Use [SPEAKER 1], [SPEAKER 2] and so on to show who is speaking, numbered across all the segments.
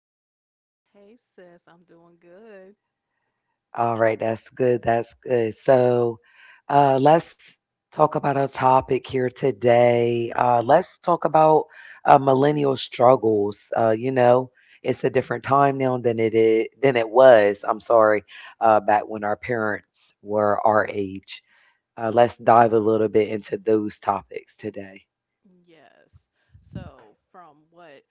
[SPEAKER 1] you doing?
[SPEAKER 2] Hey sis, I'm doing good.
[SPEAKER 1] All right, that's good. That's good. So, let's talk about a topic here today. Let's talk about millennial struggles. It's a different time now than it was. I'm sorry, back when our parents were our age. Let's dive a little bit into those topics today.
[SPEAKER 2] Yes. So, from what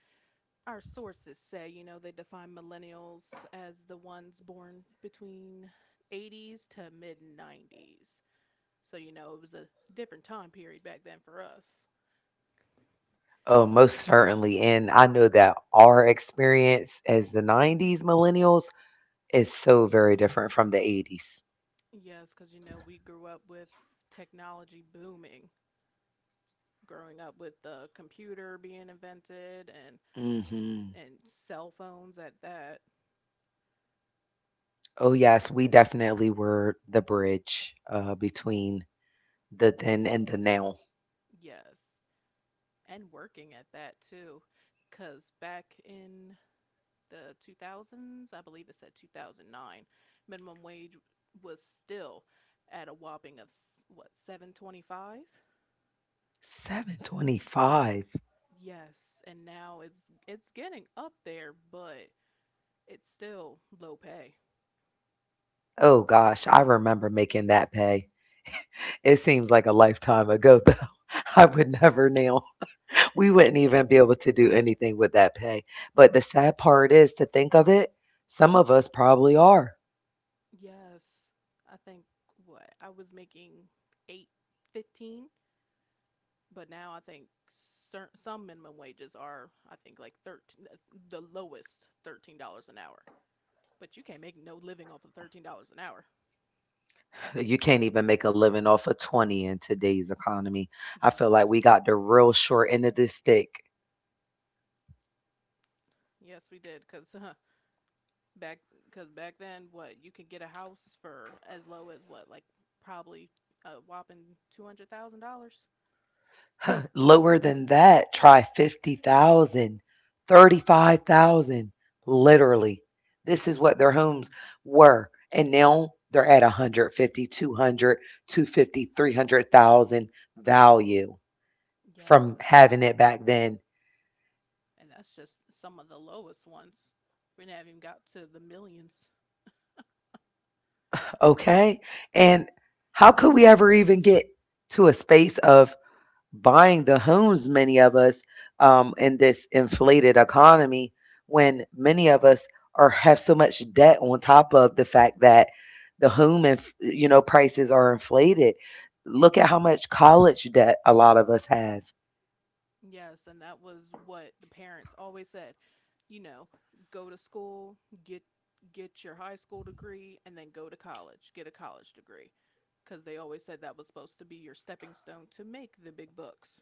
[SPEAKER 2] our sources say, they define millennials as the ones born between 80s to mid 90s. So, it was a different time period back then for us.
[SPEAKER 1] Oh, most certainly. And I know that our experience as the 90s millennials is so very different from the '80s.
[SPEAKER 2] Yes, because, we grew up with technology booming, growing up with the computer being invented and,
[SPEAKER 1] Mhm.
[SPEAKER 2] and cell phones at that.
[SPEAKER 1] Oh, yes, we definitely were the bridge, between the then and the now.
[SPEAKER 2] Yes. And working at that too, because back in the 2000s, I believe it said 2009 minimum wage was still at a whopping of, what, 7.25?
[SPEAKER 1] 725.
[SPEAKER 2] Yes, and now it's getting up there, but it's still low pay.
[SPEAKER 1] Oh gosh, I remember making that pay. It seems like a lifetime ago, though. I would never now. We wouldn't even be able to do anything with that pay, but the sad part is to think of it, some of us probably are.
[SPEAKER 2] Yes, I think what I was making, 8.15. But now I think some minimum wages are, I think, like 13, the lowest $13 an hour. But you can't make no living off of $13 an hour.
[SPEAKER 1] You can't even make a living off of 20 in today's economy. I
[SPEAKER 2] Yes,
[SPEAKER 1] feel like we got the real short end of the stick.
[SPEAKER 2] yes, we did. Back, cause back then, what you could get a house for, as low as what, like, probably a whopping $200,000.
[SPEAKER 1] Lower than that, try 50,000, 35,000, literally. This is what their homes were. And now they're at 150, value
[SPEAKER 2] Yes, and
[SPEAKER 1] from
[SPEAKER 2] the,
[SPEAKER 1] having
[SPEAKER 2] huh,
[SPEAKER 1] it back then.
[SPEAKER 2] and that's just some of the lowest ones. We haven't even got to the millions.
[SPEAKER 1] Okay. And how could we ever even get to a space of buying the homes, many of us, in this inflated economy, when many of us are have so much debt on top of the fact that the home and prices are inflated. Look at how much college debt a lot of us have,
[SPEAKER 2] Yes, and that was what the parents always said. You know, go to school, get get your high school degree, and then go to college, get a college degree, because they always said that was supposed to be your stepping stone to make the big bucks.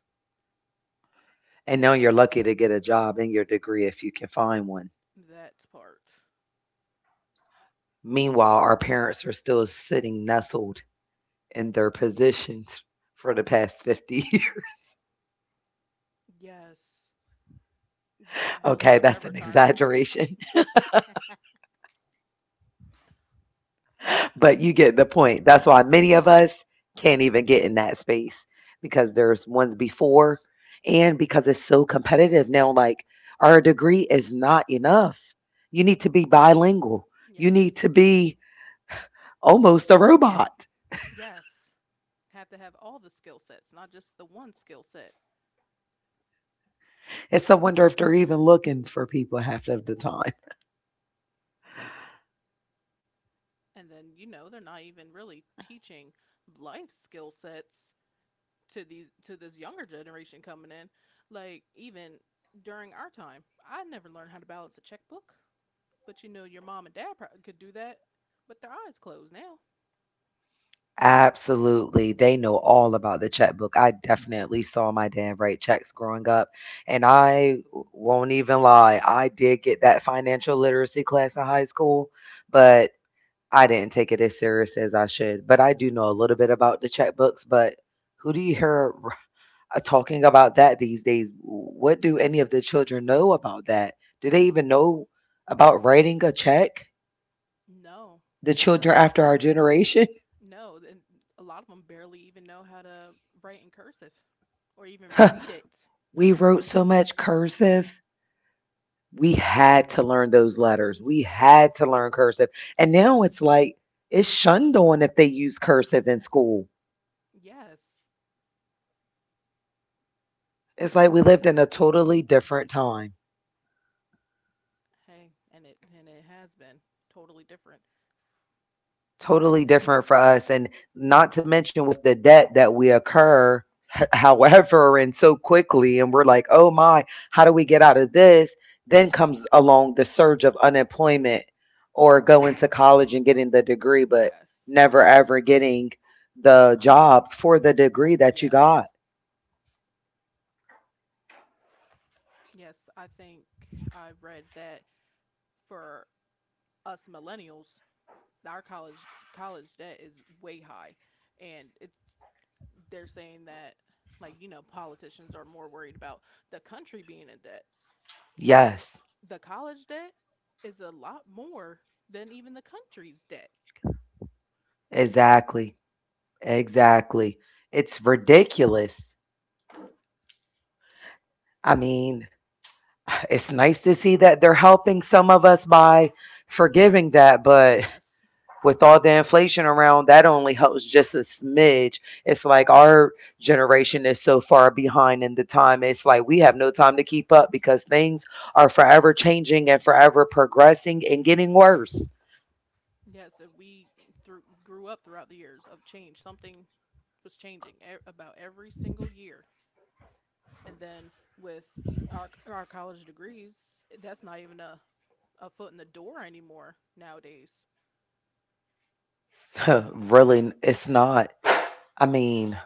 [SPEAKER 1] and now you're lucky to get a job and your degree if you can find one.
[SPEAKER 2] That part.
[SPEAKER 1] Meanwhile, our parents are still sitting nestled in their positions for the past 50 years.
[SPEAKER 2] Yes, building
[SPEAKER 1] Okay,
[SPEAKER 2] up their
[SPEAKER 1] that's an
[SPEAKER 2] retirement.
[SPEAKER 1] exaggeration. But you get the point. That's why many of us can't even get in that space because there's ones before and because it's so competitive now. Like, our degree is not enough. You need to be bilingual, you need
[SPEAKER 2] Yes,
[SPEAKER 1] to be almost a robot.
[SPEAKER 2] yes, have to have all the skill sets, not just the one skill set.
[SPEAKER 1] It's a wonder if they're even looking for people half of the time.
[SPEAKER 2] And then, they're not even really teaching life skill sets to these to this younger generation coming in. Like, even during our time, I never learned how to balance a checkbook, but, your mom and dad could do that with their eyes closed now.
[SPEAKER 1] Absolutely. They know all about the checkbook. I definitely saw my dad write checks growing up, and I won't even lie. I did get that financial literacy class in high school, but I didn't take it as serious as I should. But I do know a little bit about the checkbooks, but who do you hear talking about that these days? What do any of the children know about that? Do they even know about writing a check?
[SPEAKER 2] No,
[SPEAKER 1] The
[SPEAKER 2] and
[SPEAKER 1] children after our generation?
[SPEAKER 2] no and a lot of them barely even know how to write in cursive or even read it.
[SPEAKER 1] We wrote so much cursive. We had to learn those letters. We
[SPEAKER 2] Yes.
[SPEAKER 1] had to learn cursive. And now it's like it's shunned on if they use cursive in school.
[SPEAKER 2] Yes.
[SPEAKER 1] It's like we lived in a totally different time.
[SPEAKER 2] Hey, and it has been totally different.
[SPEAKER 1] Totally different for us, and not to mention with the debt that we occur however, and so quickly, and we're like, oh my, how do we get out of this? Then comes along the surge of unemployment, or going to college and getting the degree, but
[SPEAKER 2] Yes,
[SPEAKER 1] never ever getting the job for the degree that you
[SPEAKER 2] yes,
[SPEAKER 1] got.
[SPEAKER 2] yes, I think I read that, for us millennials, our college debt is way high, and it's they're saying that, politicians are more worried about the country being in debt. Us,
[SPEAKER 1] Yes,
[SPEAKER 2] the college debt is a lot more than even the country's debt.
[SPEAKER 1] exactly, exactly. It's ridiculous. I mean, it's nice to see that they're helping some of us by forgiving that, but
[SPEAKER 2] Yes,
[SPEAKER 1] with all the inflation around, that only helps just a smidge. It's like our generation is so far behind in the time. It's like we have no time to keep up because things are forever changing and forever progressing and getting worse.
[SPEAKER 2] yes, if we through grew up throughout the years of change. Something was changing, about every single year. And then with our college degrees, that's not even a foot in the door anymore nowadays.
[SPEAKER 1] Really, it's not. I mean,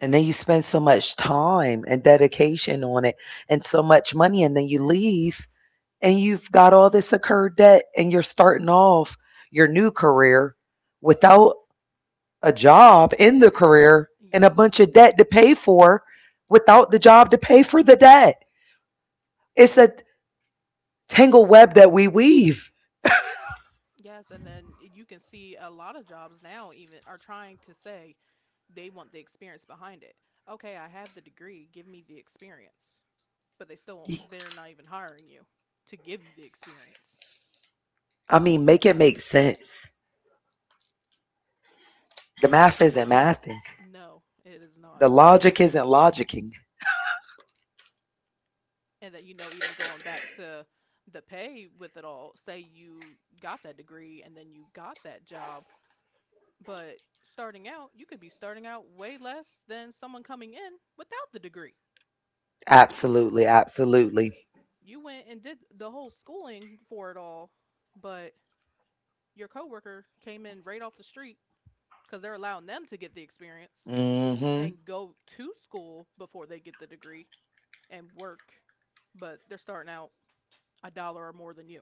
[SPEAKER 1] and then you spend so much time and dedication on it and so much money, and then you leave and you've got all this accrued debt and you're starting off your new career without a job in the career and a
[SPEAKER 2] Yep.
[SPEAKER 1] bunch of debt to pay for without the job to pay for the debt. It's a tangle web that we weave.
[SPEAKER 2] Yes, and then you can see a lot of jobs now even are trying to say they want the experience behind it. Okay, I have the degree, give me the experience. But they still they're not even hiring you to give you the experience.
[SPEAKER 1] I mean, make it make sense. The math isn't mathing.
[SPEAKER 2] No, it is not.
[SPEAKER 1] The logic isn't logicking.
[SPEAKER 2] And that, even going back to the pay with it all, say you got that degree and then you got that job, but starting out, you could be starting out way less than someone coming in without the degree.
[SPEAKER 1] Absolutely, absolutely.
[SPEAKER 2] You went and did the whole schooling for it all, but your coworker came in right off the street because they're allowing them to get the experience and
[SPEAKER 1] Hmm.
[SPEAKER 2] go to school before they get the degree and work, but they're starting out a dollar or more than you.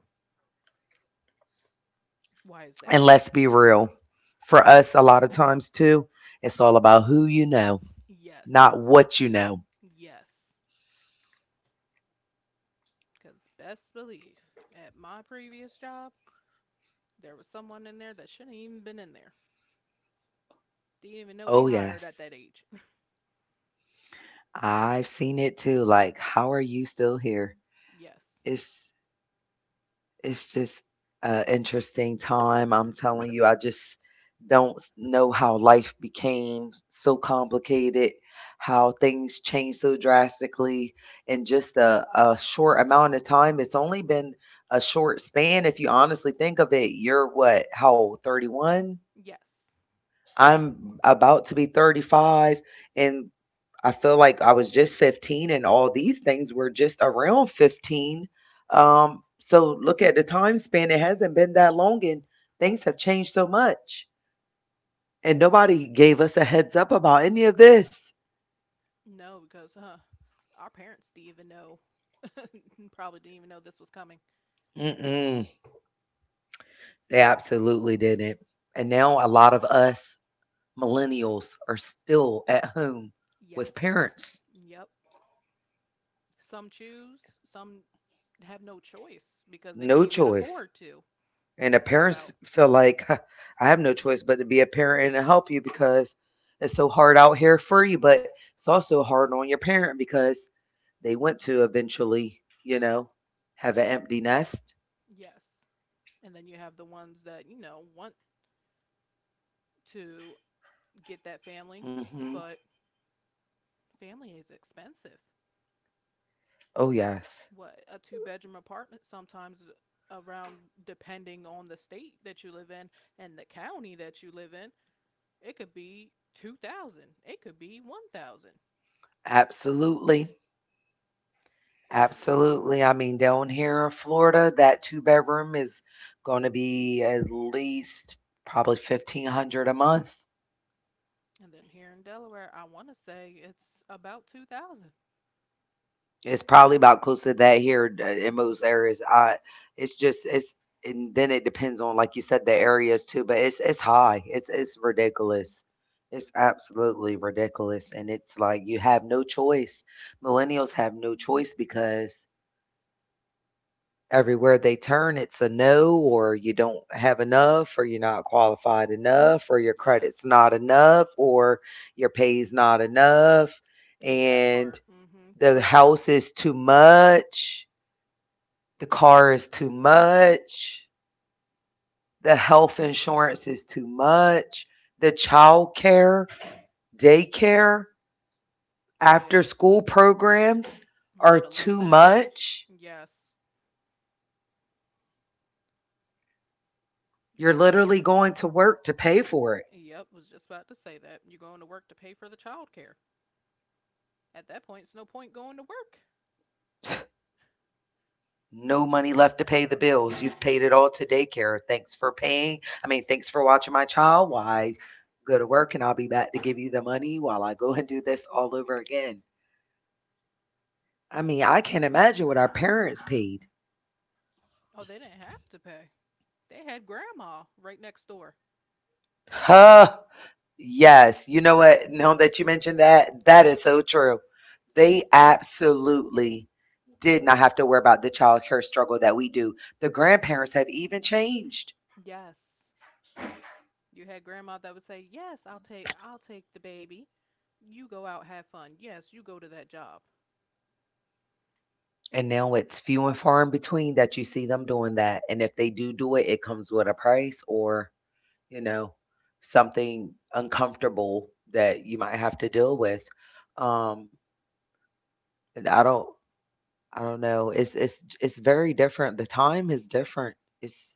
[SPEAKER 2] Why is that?
[SPEAKER 1] And let's be real. For us, a lot of times too, it's all about who you know,
[SPEAKER 2] Yes,
[SPEAKER 1] not what you know.
[SPEAKER 2] yes, because best believe, at my previous job, there was someone in there that shouldn't have even been in there. Didn't even know we
[SPEAKER 1] Oh,
[SPEAKER 2] hired at
[SPEAKER 1] yes.
[SPEAKER 2] that age.
[SPEAKER 1] I've seen it too, like, "How are you still here?"
[SPEAKER 2] Yes.
[SPEAKER 1] It's it's just an interesting time, I'm telling you. I just don't s know how life became so complicated, how things changed so drastically in just a short amount of time. It's only been a short span if you honestly think of it. You're what, how old, 31?
[SPEAKER 2] Yes.
[SPEAKER 1] I'm about to be 35, and I feel like I was just 15 and all these things were just around 15. So look at the time span. It hasn't been that long and things have changed so much. And nobody gave us a heads up about any of this.
[SPEAKER 2] No, because, our parents didn't even know. Probably didn't even know this was coming.
[SPEAKER 1] Mm-mm, they absolutely didn't. And now a lot of us millennials are still at home
[SPEAKER 2] Yes.
[SPEAKER 1] with parents.
[SPEAKER 2] Yep. Some choose, some have no choice because they can't
[SPEAKER 1] No
[SPEAKER 2] even
[SPEAKER 1] choice.
[SPEAKER 2] afford to
[SPEAKER 1] And the
[SPEAKER 2] move
[SPEAKER 1] parents
[SPEAKER 2] out.
[SPEAKER 1] feel like, "Huh, I have no choice but to be a parent and to help you because it's so hard out here for you, but it's also hard on your parent because they want to eventually, have an empty nest."
[SPEAKER 2] Yes. And then you have the ones that, want to get that family,
[SPEAKER 1] Mhm.
[SPEAKER 2] but family is expensive.
[SPEAKER 1] Oh, yes.
[SPEAKER 2] What, a two-bedroom apartment sometimes, around, depending on the state that you live in and the county that you live in, it could be 2000, it could be 1000.
[SPEAKER 1] Absolutely. Absolutely. I mean, down here in Florida, that 2 bedroom is gonna be at least probably 1,500 a month.
[SPEAKER 2] And then here in Delaware, I want to say it's about 2000.
[SPEAKER 1] It's probably about close to that here, in most areas. I, it's just it's And then it depends on, like you said, the areas too, but it's high. It's ridiculous. It's absolutely ridiculous, and it's like you have no choice. Millennials have no choice because everywhere they turn, it's a no, or you don't have enough, or you're not qualified enough, or your
[SPEAKER 2] Yes,
[SPEAKER 1] credit's not enough, or your pay's not enough,
[SPEAKER 2] in that part.
[SPEAKER 1] and
[SPEAKER 2] Mm-hmm.
[SPEAKER 1] the
[SPEAKER 2] Credit.
[SPEAKER 1] house is too much, the car is too much. The health insurance is too much. The child care, daycare,
[SPEAKER 2] Oh,
[SPEAKER 1] after
[SPEAKER 2] yes,
[SPEAKER 1] school programs
[SPEAKER 2] let
[SPEAKER 1] are
[SPEAKER 2] alone
[SPEAKER 1] too
[SPEAKER 2] that.
[SPEAKER 1] much.
[SPEAKER 2] Yes, you're
[SPEAKER 1] You're
[SPEAKER 2] going.
[SPEAKER 1] literally going to work to pay for it.
[SPEAKER 2] Yep, was just about to say that, you're going to work to pay for the child care. At that point, it's no point going to work.
[SPEAKER 1] No money left to pay the bills. You've paid it all to daycare. Thanks for paying. I mean, thanks for watching my child while I go to work, and I'll be back to give you the money while I go and do this all over again. I mean, I can't imagine what our parents paid.
[SPEAKER 2] Oh, they didn't have to pay. They had grandma right next door.
[SPEAKER 1] Huh. Yes. You know what? Now that you mentioned that, that is so true. They absolutely did not have to worry about the child care struggle that we do. The grandparents have even changed.
[SPEAKER 2] Yes. You had grandma that would say, "Yes, I'll take the baby. You go out, have fun. Yes, you go to that job."
[SPEAKER 1] And now it's few and far in between that you see them doing that. And if they do do it, it comes with a price, or, you know, something uncomfortable that you might have to deal with. Um, and I don't know. It's very different. The time is different. It's,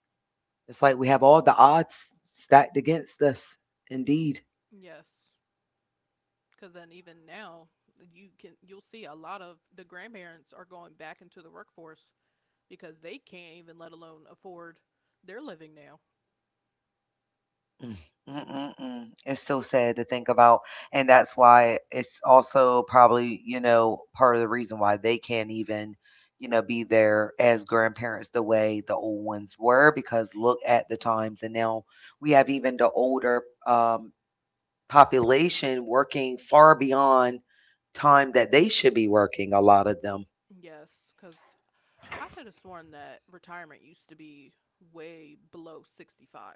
[SPEAKER 1] It's like we have all the odds stacked against us. Indeed.
[SPEAKER 2] Yes. Because then, even now, you'll see a lot of the grandparents are going back into the workforce because they can't even, let alone, afford their living now.
[SPEAKER 1] Mm, mm, mm, mm. It's so sad to think about, and that's why it's also probably, part of the reason why they can't even, be there as grandparents the way the old ones were, because look at the times, and now we have even the older population working far beyond time that they should be working, a lot of them.
[SPEAKER 2] Yes. Because I could have sworn that retirement used to be way below 65.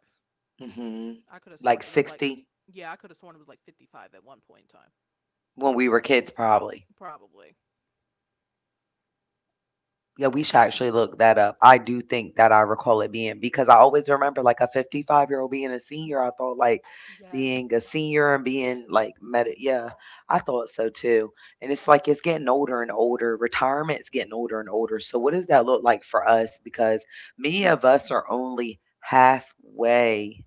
[SPEAKER 1] Hmm.
[SPEAKER 2] I could have sworn it
[SPEAKER 1] Like
[SPEAKER 2] was like,
[SPEAKER 1] 60
[SPEAKER 2] yeah, I could have sworn it was like 55 at one point in time.
[SPEAKER 1] when we were kids probably.
[SPEAKER 2] Probably.
[SPEAKER 1] Yeah, we should actually look that up. I do think that I recall it being, because I always remember like a 55-year-old being a senior. I thought like
[SPEAKER 2] Yes.
[SPEAKER 1] being a senior and being like med. Yeah, I thought so too. And it's like it's getting older and older. Retirement's getting older and older. So what does that look like for us? Because many of us are only halfway.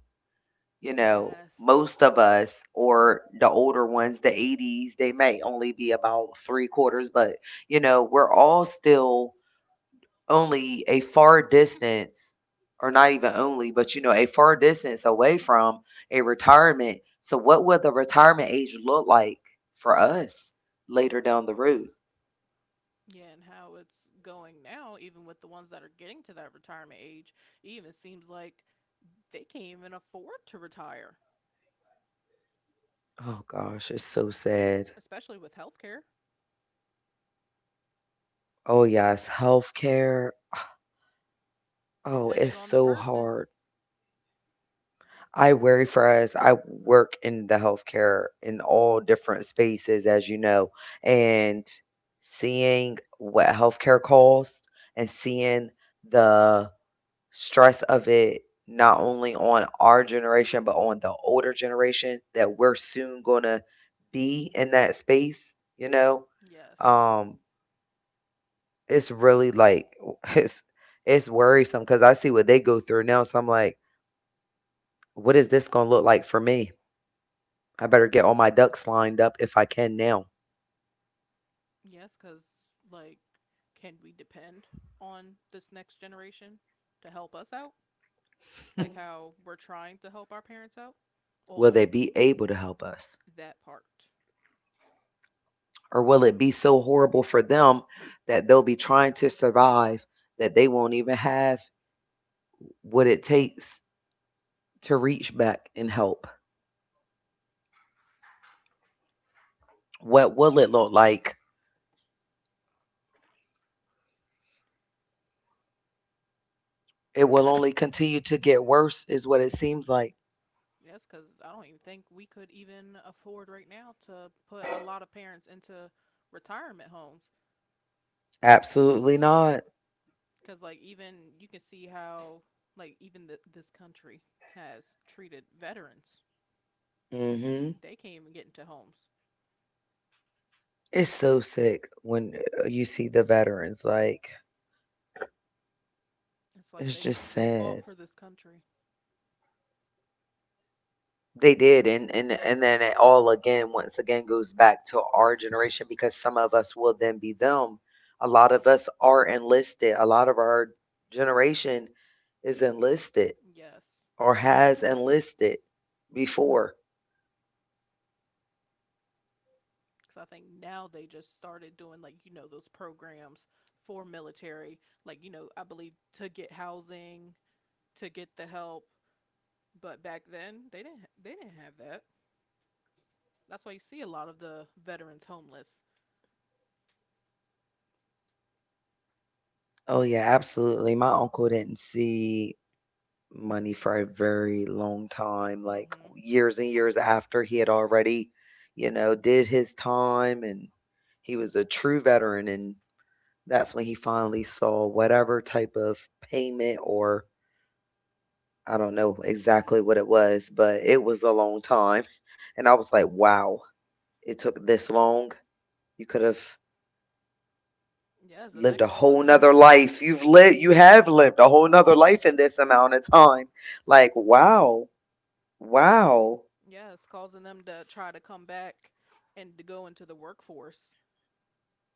[SPEAKER 1] You know,
[SPEAKER 2] Yes.
[SPEAKER 1] most of us, or the older ones, the 80s, they may only be about three quarters, but we're all still only a far distance, or not even only, but a far distance away from a retirement. So what will the retirement age look like for us later down the road?
[SPEAKER 2] Yeah, and how it's going now, even with the ones that are getting to that retirement age, it even seems like they can't even afford to retire,
[SPEAKER 1] Oh gosh, it's so sad.
[SPEAKER 2] especially with healthcare,
[SPEAKER 1] Oh yes, healthcare. Oh,
[SPEAKER 2] depending
[SPEAKER 1] it's
[SPEAKER 2] on the
[SPEAKER 1] so
[SPEAKER 2] person.
[SPEAKER 1] hard. I worry for us. I work in the healthcare in all different spaces, as you know, and seeing what healthcare costs and seeing the stress of it, not only on our generation, but on the older generation that we're soon going to be in that space,
[SPEAKER 2] Yes.
[SPEAKER 1] um, it's really like, it's, it's worrisome because I see what they go through now. So I'm like, what is this going to look like for me? I better get all my ducks lined up if I can now.
[SPEAKER 2] Yes, because, like, can we depend on this next generation to help us out, like how we're trying to help our parents out? Or?
[SPEAKER 1] Will they be able to help us?
[SPEAKER 2] That part.
[SPEAKER 1] Or will it be so horrible for them that they'll be trying to survive that they won't even have what it takes to reach back and help? What will it look like? It
[SPEAKER 2] Yes,
[SPEAKER 1] will only continue to get worse, is what it seems like.
[SPEAKER 2] yes, because I don't even think we could even afford right now to put a lot of parents into retirement homes.
[SPEAKER 1] Absolutely not.
[SPEAKER 2] Because like, even you can see how, like, even this country has treated veterans.
[SPEAKER 1] Hmm.
[SPEAKER 2] They can't even get into homes.
[SPEAKER 1] It's so sick when you see the veterans. Like,
[SPEAKER 2] It's like they
[SPEAKER 1] it's just
[SPEAKER 2] they fought
[SPEAKER 1] sad.
[SPEAKER 2] for this country.
[SPEAKER 1] They did, and then it all again, once again, goes back to our generation because some of us will then be them. A lot of us are enlisted. A lot of our generation is enlisted
[SPEAKER 2] Yes,
[SPEAKER 1] or has enlisted before.
[SPEAKER 2] because I think now they just started doing, those programs for military. I believe, to get housing, to get the help. But back then, they didn't have that. That's why you see a lot of the veterans homeless.
[SPEAKER 1] Oh yeah, absolutely. My uncle didn't see money for a very long time, like
[SPEAKER 2] Mhm.
[SPEAKER 1] years and years after he had already, you know, did his time, and he was a true veteran. And that's when he finally saw whatever type of payment, or I don't know exactly what it was, but it was a long time. And I was like, wow, it took this long. You could have
[SPEAKER 2] Yes, and that
[SPEAKER 1] lived a
[SPEAKER 2] causes,
[SPEAKER 1] whole nother life. You've lived, you have lived a whole nother life in this amount of time. Like, wow, wow.
[SPEAKER 2] yes, causing them to try to come back and to go into the workforce.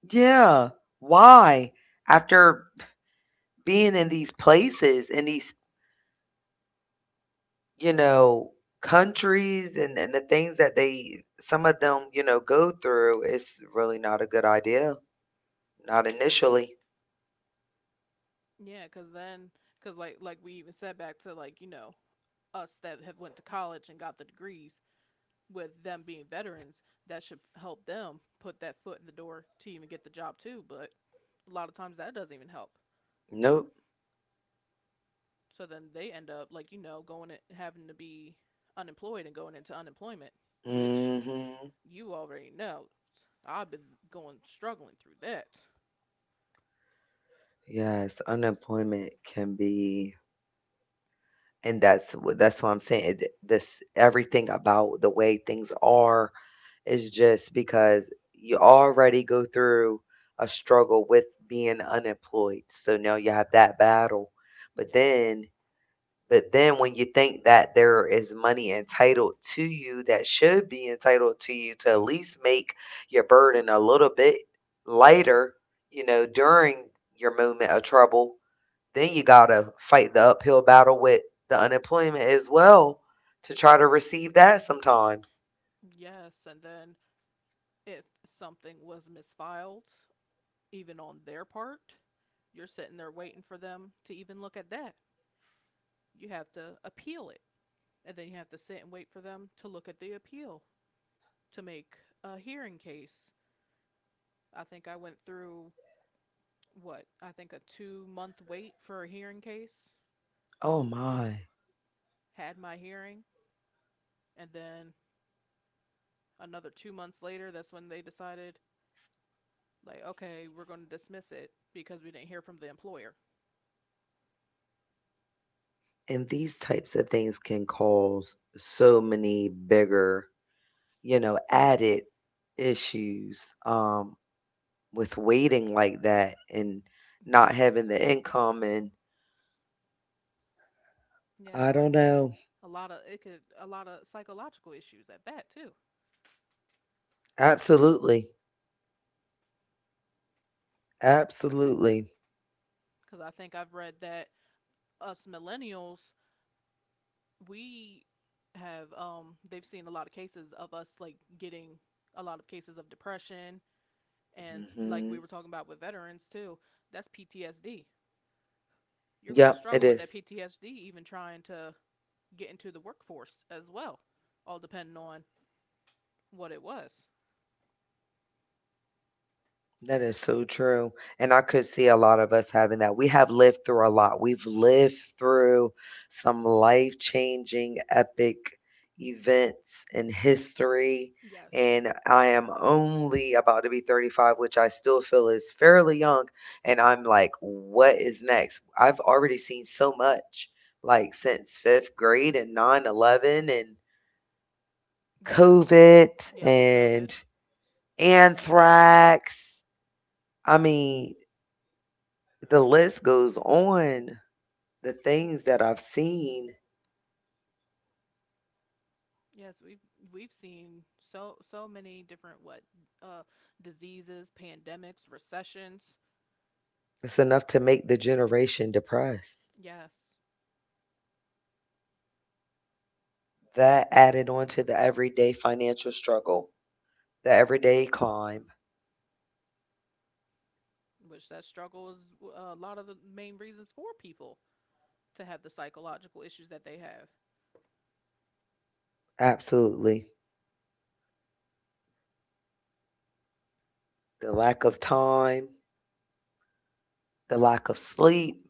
[SPEAKER 1] Yeah. Why? After being in these places, in these, you know, countries and the things that they, some of them, you know, go through, it's really not a good idea. Not initially.
[SPEAKER 2] Yeah, cuz like we even said, back to, like, us that have went to college and got the degrees, with them being veterans, that should help them put that foot in the door to even get the job too, but a lot of times that doesn't even help.
[SPEAKER 1] Nope.
[SPEAKER 2] So then they end up, going and having to be unemployed, and going into unemployment, which
[SPEAKER 1] Hmm.
[SPEAKER 2] you already know. I've been going struggling through that.
[SPEAKER 1] Yes, unemployment can be, and that's what I'm saying. It- this everything about the way things are is just because you already go through a struggle with being unemployed. So now you have that battle, but
[SPEAKER 2] Yes.
[SPEAKER 1] then But then when you think that there is money entitled to you that should be entitled to you to at least make your burden a little bit lighter, you know, during your moment of trouble, then you got to fight the uphill battle with the unemployment as well to try to receive that sometimes.
[SPEAKER 2] Yes, and then if something was misfiled even on their part, you're sitting there waiting for them to even look at that. You have to appeal it, and then you have to sit and wait for them to look at the appeal to make a hearing case. I think I went through, what, I think, a 2-month wait for a hearing case.
[SPEAKER 1] Oh my.
[SPEAKER 2] Had my hearing, and then another 2 months later, that's when they decided, like, okay, we're going to dismiss it because we didn't hear from the employer.
[SPEAKER 1] And these types of things can cause so many bigger, you know, added issues. With waiting like that and not
[SPEAKER 2] Yes,
[SPEAKER 1] having the income and
[SPEAKER 2] yes,
[SPEAKER 1] I
[SPEAKER 2] like,
[SPEAKER 1] don't know.
[SPEAKER 2] a lot of psychological issues at that too.
[SPEAKER 1] Absolutely. Absolutely.
[SPEAKER 2] Because I think I've read that us millennials, we have they've seen a lot of cases of us, like, getting a lot of cases of depression. And like we were
[SPEAKER 1] Mhm.
[SPEAKER 2] talking about with veterans too, that's PTSD. You're going to
[SPEAKER 1] Yep,
[SPEAKER 2] struggle with
[SPEAKER 1] it
[SPEAKER 2] that
[SPEAKER 1] is.
[SPEAKER 2] PTSD even trying to get into the workforce as well, all depending on what it was.
[SPEAKER 1] That is so true, and I could see a lot of us having that. We have lived through a lot. We've lived through some life-changing epic events in history,
[SPEAKER 2] Yes.
[SPEAKER 1] and I am only about to be 35, which I still feel is fairly young, and I'm like, "What is next?" I've already seen so much, like, since 5th grade and 9/11 and
[SPEAKER 2] Yes.
[SPEAKER 1] COVID
[SPEAKER 2] Yep, COVID.
[SPEAKER 1] and anthrax. I mean, the list goes on. The things that I've seen,
[SPEAKER 2] Yes, we've seen so many different, what uh diseases, pandemics, recessions.
[SPEAKER 1] it's enough to make the generation depressed.
[SPEAKER 2] Yes,
[SPEAKER 1] That added on to the everyday financial struggle, the everyday climb.
[SPEAKER 2] which that struggle is a lot of the main reasons for people to have the psychological issues that they have.
[SPEAKER 1] Absolutely. The lack of time, the lack of sleep,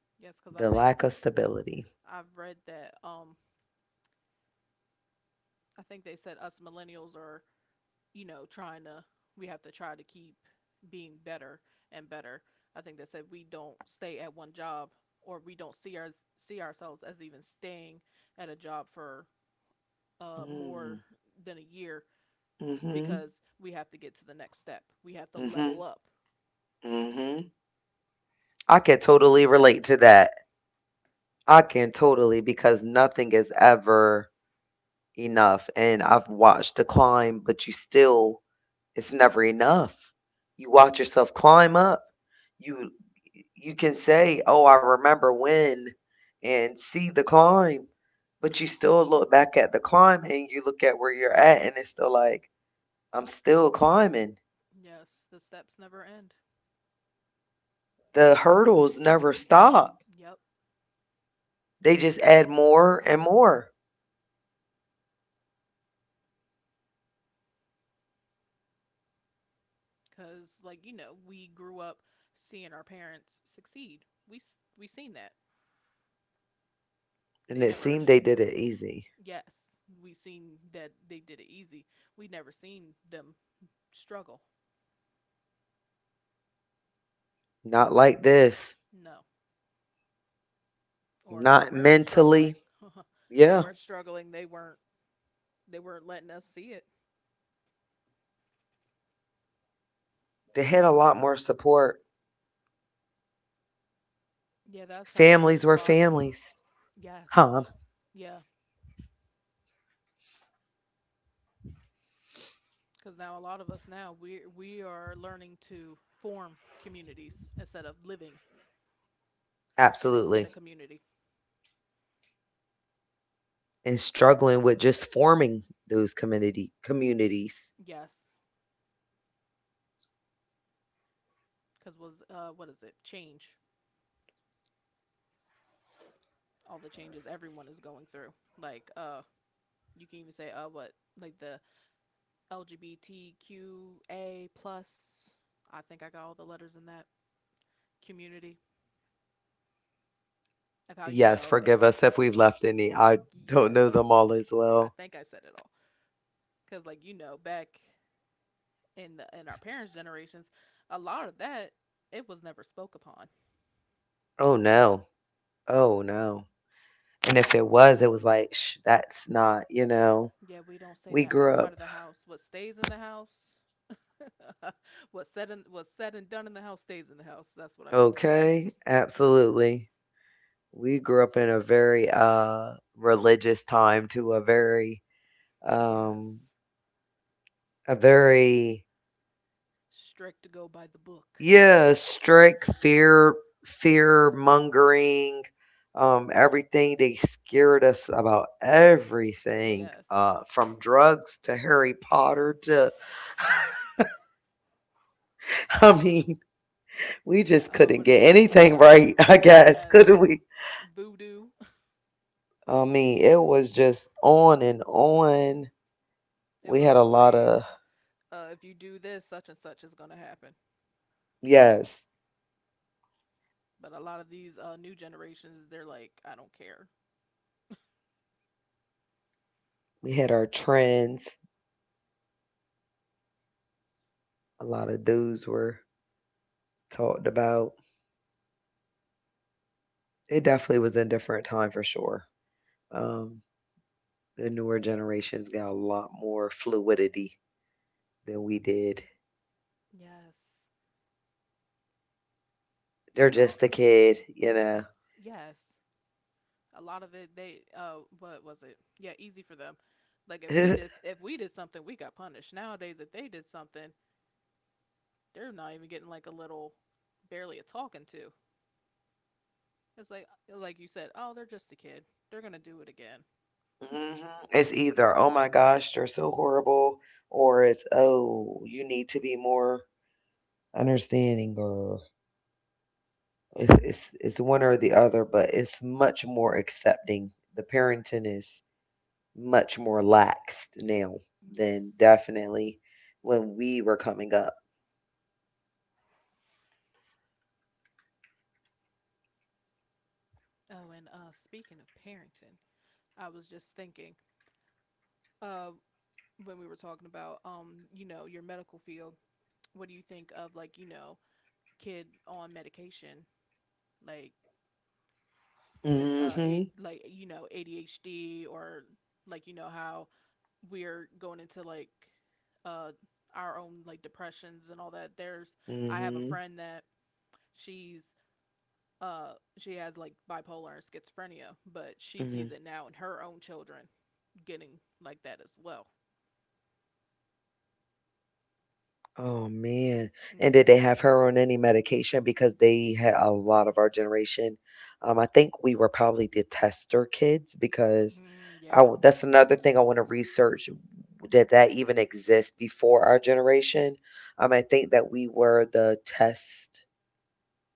[SPEAKER 2] Yes, because I
[SPEAKER 1] the
[SPEAKER 2] think
[SPEAKER 1] lack of stability.
[SPEAKER 2] I've read that, I think they said us millennials are, trying to we have to try to keep being better and better. I think they said we don't stay at one job, or we don't see ourselves as even staying at a job for more
[SPEAKER 1] Mm,
[SPEAKER 2] than a year, because
[SPEAKER 1] mhm,
[SPEAKER 2] we have to get to the next step. We have to level
[SPEAKER 1] mhm,
[SPEAKER 2] up.
[SPEAKER 1] mhm. I can totally relate to that. I can totally, because nothing is ever enough. And I've watched the climb, but you still It's never enough. You watch yourself climb up. You you can say, "Oh, I remember when," and see the climb, but you still look back at the climb and you look at where you're at and it's still like, "I'm still climbing."
[SPEAKER 2] Yes, the steps never end.
[SPEAKER 1] The hurdles never stop.
[SPEAKER 2] Yep,
[SPEAKER 1] They just add more and more.
[SPEAKER 2] cuz we grew up seeing our parents succeed. We we seen that. They
[SPEAKER 1] And it
[SPEAKER 2] never.
[SPEAKER 1] seemed they did it easy.
[SPEAKER 2] Yes, we seen that they did it easy. We never seen them struggle.
[SPEAKER 1] Not like this.
[SPEAKER 2] No, or if they were
[SPEAKER 1] Not
[SPEAKER 2] struggling.
[SPEAKER 1] mentally.
[SPEAKER 2] They were
[SPEAKER 1] Yeah.
[SPEAKER 2] struggling. They weren't. They weren't letting us see it.
[SPEAKER 1] They had a lot more support.
[SPEAKER 2] Yeah, that's how it is a
[SPEAKER 1] Families
[SPEAKER 2] lot.
[SPEAKER 1] were families.
[SPEAKER 2] Yes,
[SPEAKER 1] Huh?
[SPEAKER 2] yeah, because now a lot of us, now we are learning to form communities instead of living in a
[SPEAKER 1] Absolutely,
[SPEAKER 2] community.
[SPEAKER 1] and struggling with just forming those community communities.
[SPEAKER 2] Yes, because, was, what is it, change, all the changes everyone is going through, like, you can even say, what, like, the LGBTQA+. I think I got all the letters in that community of how you know.
[SPEAKER 1] Yes,
[SPEAKER 2] It,
[SPEAKER 1] forgive us if we've left any. I don't
[SPEAKER 2] yes,
[SPEAKER 1] know them all as
[SPEAKER 2] I think
[SPEAKER 1] well.
[SPEAKER 2] I said it all, because, back in our parents' generations, a lot of that, it was never spoke upon.
[SPEAKER 1] Oh no. Oh no. And if it was, it was like, shh, that's not, you know,
[SPEAKER 2] Yeah, we don't say that
[SPEAKER 1] we
[SPEAKER 2] outside
[SPEAKER 1] grew
[SPEAKER 2] of the
[SPEAKER 1] up.
[SPEAKER 2] house. What stays in the house, what's said, and done in the house, stays in the house. That's what I meant to say.
[SPEAKER 1] Okay, absolutely. We grew up in a very religious time, to
[SPEAKER 2] Yes,
[SPEAKER 1] um a very
[SPEAKER 2] strict, to go by the book.
[SPEAKER 1] Yeah, strict fear, fear mongering, everything. They scared us about everything,
[SPEAKER 2] Yes.
[SPEAKER 1] from drugs to Harry Potter to, I mean,
[SPEAKER 2] Yeah.
[SPEAKER 1] we just
[SPEAKER 2] What is
[SPEAKER 1] couldn't get
[SPEAKER 2] it?
[SPEAKER 1] anything right, I
[SPEAKER 2] Yes,
[SPEAKER 1] guess, couldn't we?
[SPEAKER 2] voodoo.
[SPEAKER 1] I mean, it was just on and on.
[SPEAKER 2] It was
[SPEAKER 1] We had a
[SPEAKER 2] always,
[SPEAKER 1] lot of,
[SPEAKER 2] if you do this, such and such is gonna happen.
[SPEAKER 1] yes,
[SPEAKER 2] But a lot of these, new generations, they're like, I don't care.
[SPEAKER 1] we had our trends. A lot of those were talked about. It definitely was a different time for sure. Um. The newer generations got a lot more fluidity than we did.
[SPEAKER 2] Yes, cause
[SPEAKER 1] They're
[SPEAKER 2] I'll.
[SPEAKER 1] just a kid, you
[SPEAKER 2] uh,
[SPEAKER 1] know.
[SPEAKER 2] Yes a lot of it. They. What was it? Yeah, easy for them. Like if we did something, we got punished. Nowadays, if they did something, they're not even getting like a little, barely a talking to. It's like you said, oh, they're just a kid. They're gonna do it again.
[SPEAKER 1] Mhm. It's either, oh my gosh, they're so horrible, or it's, oh, you need to be more understanding, or it's one or the other, but it's much more accepting. The parenting is much more laxed now
[SPEAKER 2] Yes.
[SPEAKER 1] than definitely when we were coming up.
[SPEAKER 2] Oh, and, speaking of parenting, I was just thinking, uh, when we were talking about, your medical field. What do you think of, like, kid on medication, like, with
[SPEAKER 1] Hmm.
[SPEAKER 2] like, ADHD? Or, like, how we're going into, like, uh our own, like, depressions, and all that. There's I have a friend
[SPEAKER 1] Hmm.
[SPEAKER 2] that, she's she has, like, bipolar and schizophrenia, but she sees it
[SPEAKER 1] Hmm.
[SPEAKER 2] now in her own children getting like that as well.
[SPEAKER 1] Oh, man.
[SPEAKER 2] Mm. Mhm.
[SPEAKER 1] And did they have her on any medication? Because they had a lot of our generation. I think we were probably the tester kids because
[SPEAKER 2] Mm, yeah.
[SPEAKER 1] I w that's another thing I want to research. Did that even exist before our generation? I think that we were the test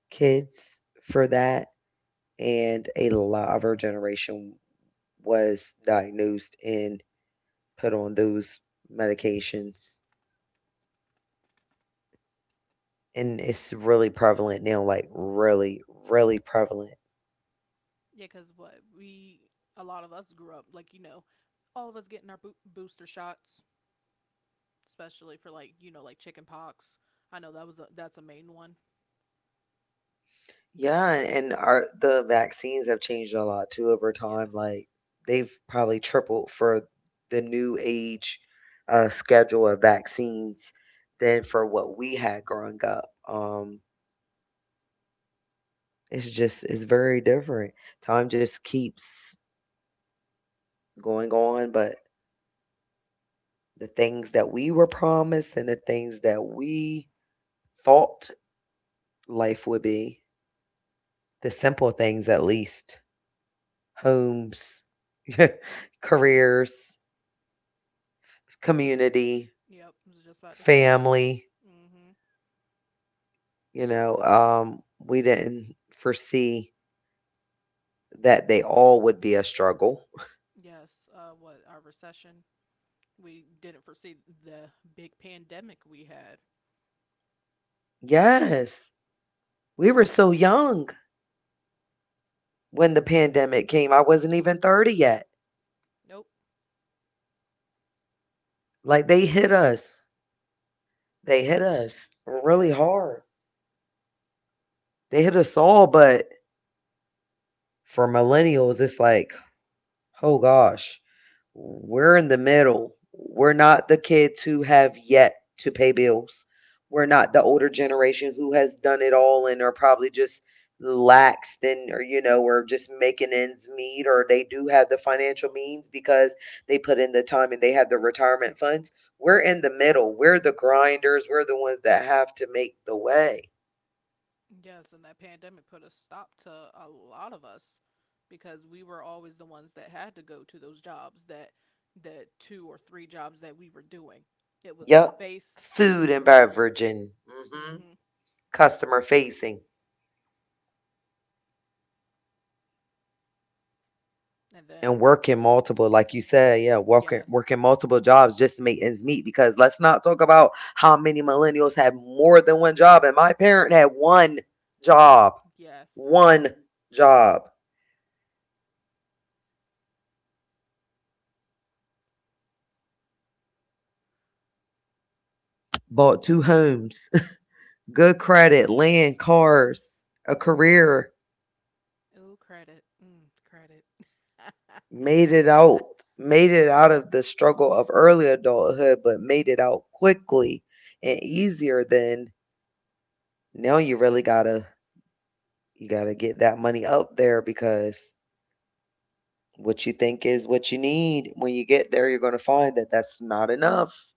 [SPEAKER 1] kids for that, and a lot of our generation was diagnosed and put on those medications. And it's really prevalent now, like really, really prevalent.
[SPEAKER 2] Yeah, because what we a lot of us grew up, all of us getting our booster shots, especially for, like, chicken pox. I know that that's a main one.
[SPEAKER 1] Yeah, and our the vaccines have changed a lot too over
[SPEAKER 2] Yes,
[SPEAKER 1] time. Like they've probably tripled for the new age schedule of vaccines than for what we had growing up. It's just it's very different. Time just keeps going on, but the things that we were promised and the things that we thought life would be, the simple things at least Homes,
[SPEAKER 2] yes,
[SPEAKER 1] careers, community,
[SPEAKER 2] yep. I was just about to say that.
[SPEAKER 1] family,
[SPEAKER 2] Mm-hmm.
[SPEAKER 1] you know, we didn't foresee that they all would be a struggle.
[SPEAKER 2] Yes. What, our recession? We didn't foresee the big pandemic we had.
[SPEAKER 1] Yes. We were so young when the pandemic came. I wasn't even 30 yet.
[SPEAKER 2] Nope.
[SPEAKER 1] Like they hit us. They hit us
[SPEAKER 2] Yes.
[SPEAKER 1] really hard.
[SPEAKER 2] It.
[SPEAKER 1] They hit us all, but for millennials, it's like, oh gosh, we're in the middle. We're not the kids who have yet to pay bills. We're not the older generation who has done it all and are probably just laxed, and or you know or just making ends meet, or they do have the financial means because they put in the time and they have the retirement funds. We're in the middle. We're the grinders. We're the ones that have to make the way.
[SPEAKER 2] Yes, and that pandemic put a stop to a lot of us, because we were always the ones that had to go to those jobs, that two or three jobs that we were doing. It was a
[SPEAKER 1] Yep.
[SPEAKER 2] face
[SPEAKER 1] Food and
[SPEAKER 2] roll.
[SPEAKER 1] beverage and
[SPEAKER 2] Mhm.
[SPEAKER 1] mhm, customer facing.
[SPEAKER 2] And then with,
[SPEAKER 1] And working multiple, like you said, yeah,
[SPEAKER 2] yes.
[SPEAKER 1] working multiple jobs just to make ends meet. Because let's not talk about how many millennials have more than one job. And my parent had job,
[SPEAKER 2] Yes.
[SPEAKER 1] one job,
[SPEAKER 2] Oh,
[SPEAKER 1] bought two homes, good credit, land, cars, a career,
[SPEAKER 2] ooh, credit. Mm, credit.
[SPEAKER 1] made it out, made it out of the struggle of early adulthood, but made it out quickly and easier than now. You really gotta you gotta get that money up there because what you think is what you need, when you get there, you're gonna find that that's not enough.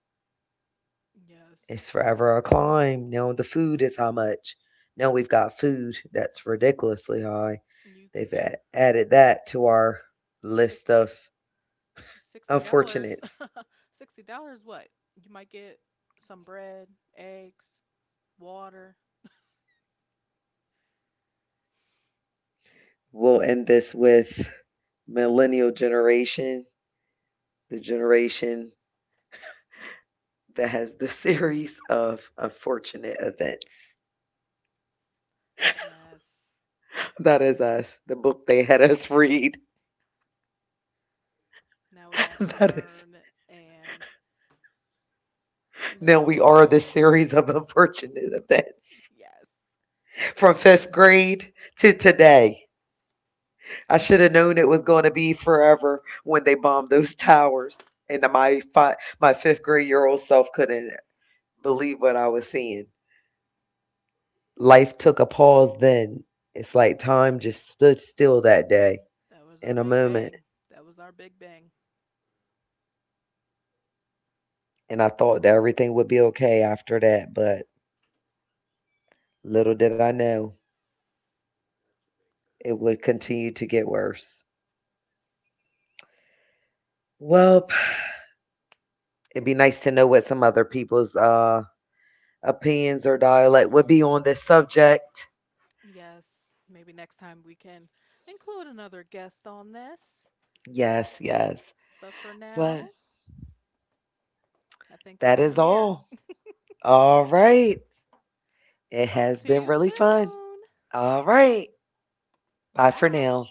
[SPEAKER 2] Yes.
[SPEAKER 1] It's forever a climb. Now the food is how much? Now we've got food that's ridiculously high.
[SPEAKER 2] You
[SPEAKER 1] They've a- added that to our
[SPEAKER 2] six,
[SPEAKER 1] list of
[SPEAKER 2] $60,
[SPEAKER 1] unfortunates.
[SPEAKER 2] $60 what? You might get some bread, eggs, water.
[SPEAKER 1] We'll end this with millennial generation, the generation that has the series of unfortunate events.
[SPEAKER 2] Yes.
[SPEAKER 1] That is us, the book they had us read.
[SPEAKER 2] Now we have to
[SPEAKER 1] that
[SPEAKER 2] learn
[SPEAKER 1] is
[SPEAKER 2] and learn all
[SPEAKER 1] Now we
[SPEAKER 2] about.
[SPEAKER 1] are the series of unfortunate events
[SPEAKER 2] Yes.
[SPEAKER 1] from fifth grade to today. I should have known it was going to be forever when they bombed those towers, and my my fifth grade year old self couldn't believe what I was seeing. Life took a pause. Then it's like time just stood still that day
[SPEAKER 2] That was our big
[SPEAKER 1] in a
[SPEAKER 2] bang.
[SPEAKER 1] moment,
[SPEAKER 2] That was our big bang.
[SPEAKER 1] and I thought that everything would be okay after that, but little did I know it would continue to get worse. Well, it'd be nice to know what some other people's, opinions or dialect would be on this subject.
[SPEAKER 2] Yes. Maybe next time we can include another guest on this.
[SPEAKER 1] Yes, yes.
[SPEAKER 2] But for now,
[SPEAKER 1] But
[SPEAKER 2] I think we'll end
[SPEAKER 1] that is
[SPEAKER 2] here.
[SPEAKER 1] all. All right.
[SPEAKER 2] Talk
[SPEAKER 1] It
[SPEAKER 2] to you
[SPEAKER 1] has been really
[SPEAKER 2] soon.
[SPEAKER 1] fun. All right. Bye
[SPEAKER 2] Bye.
[SPEAKER 1] for now.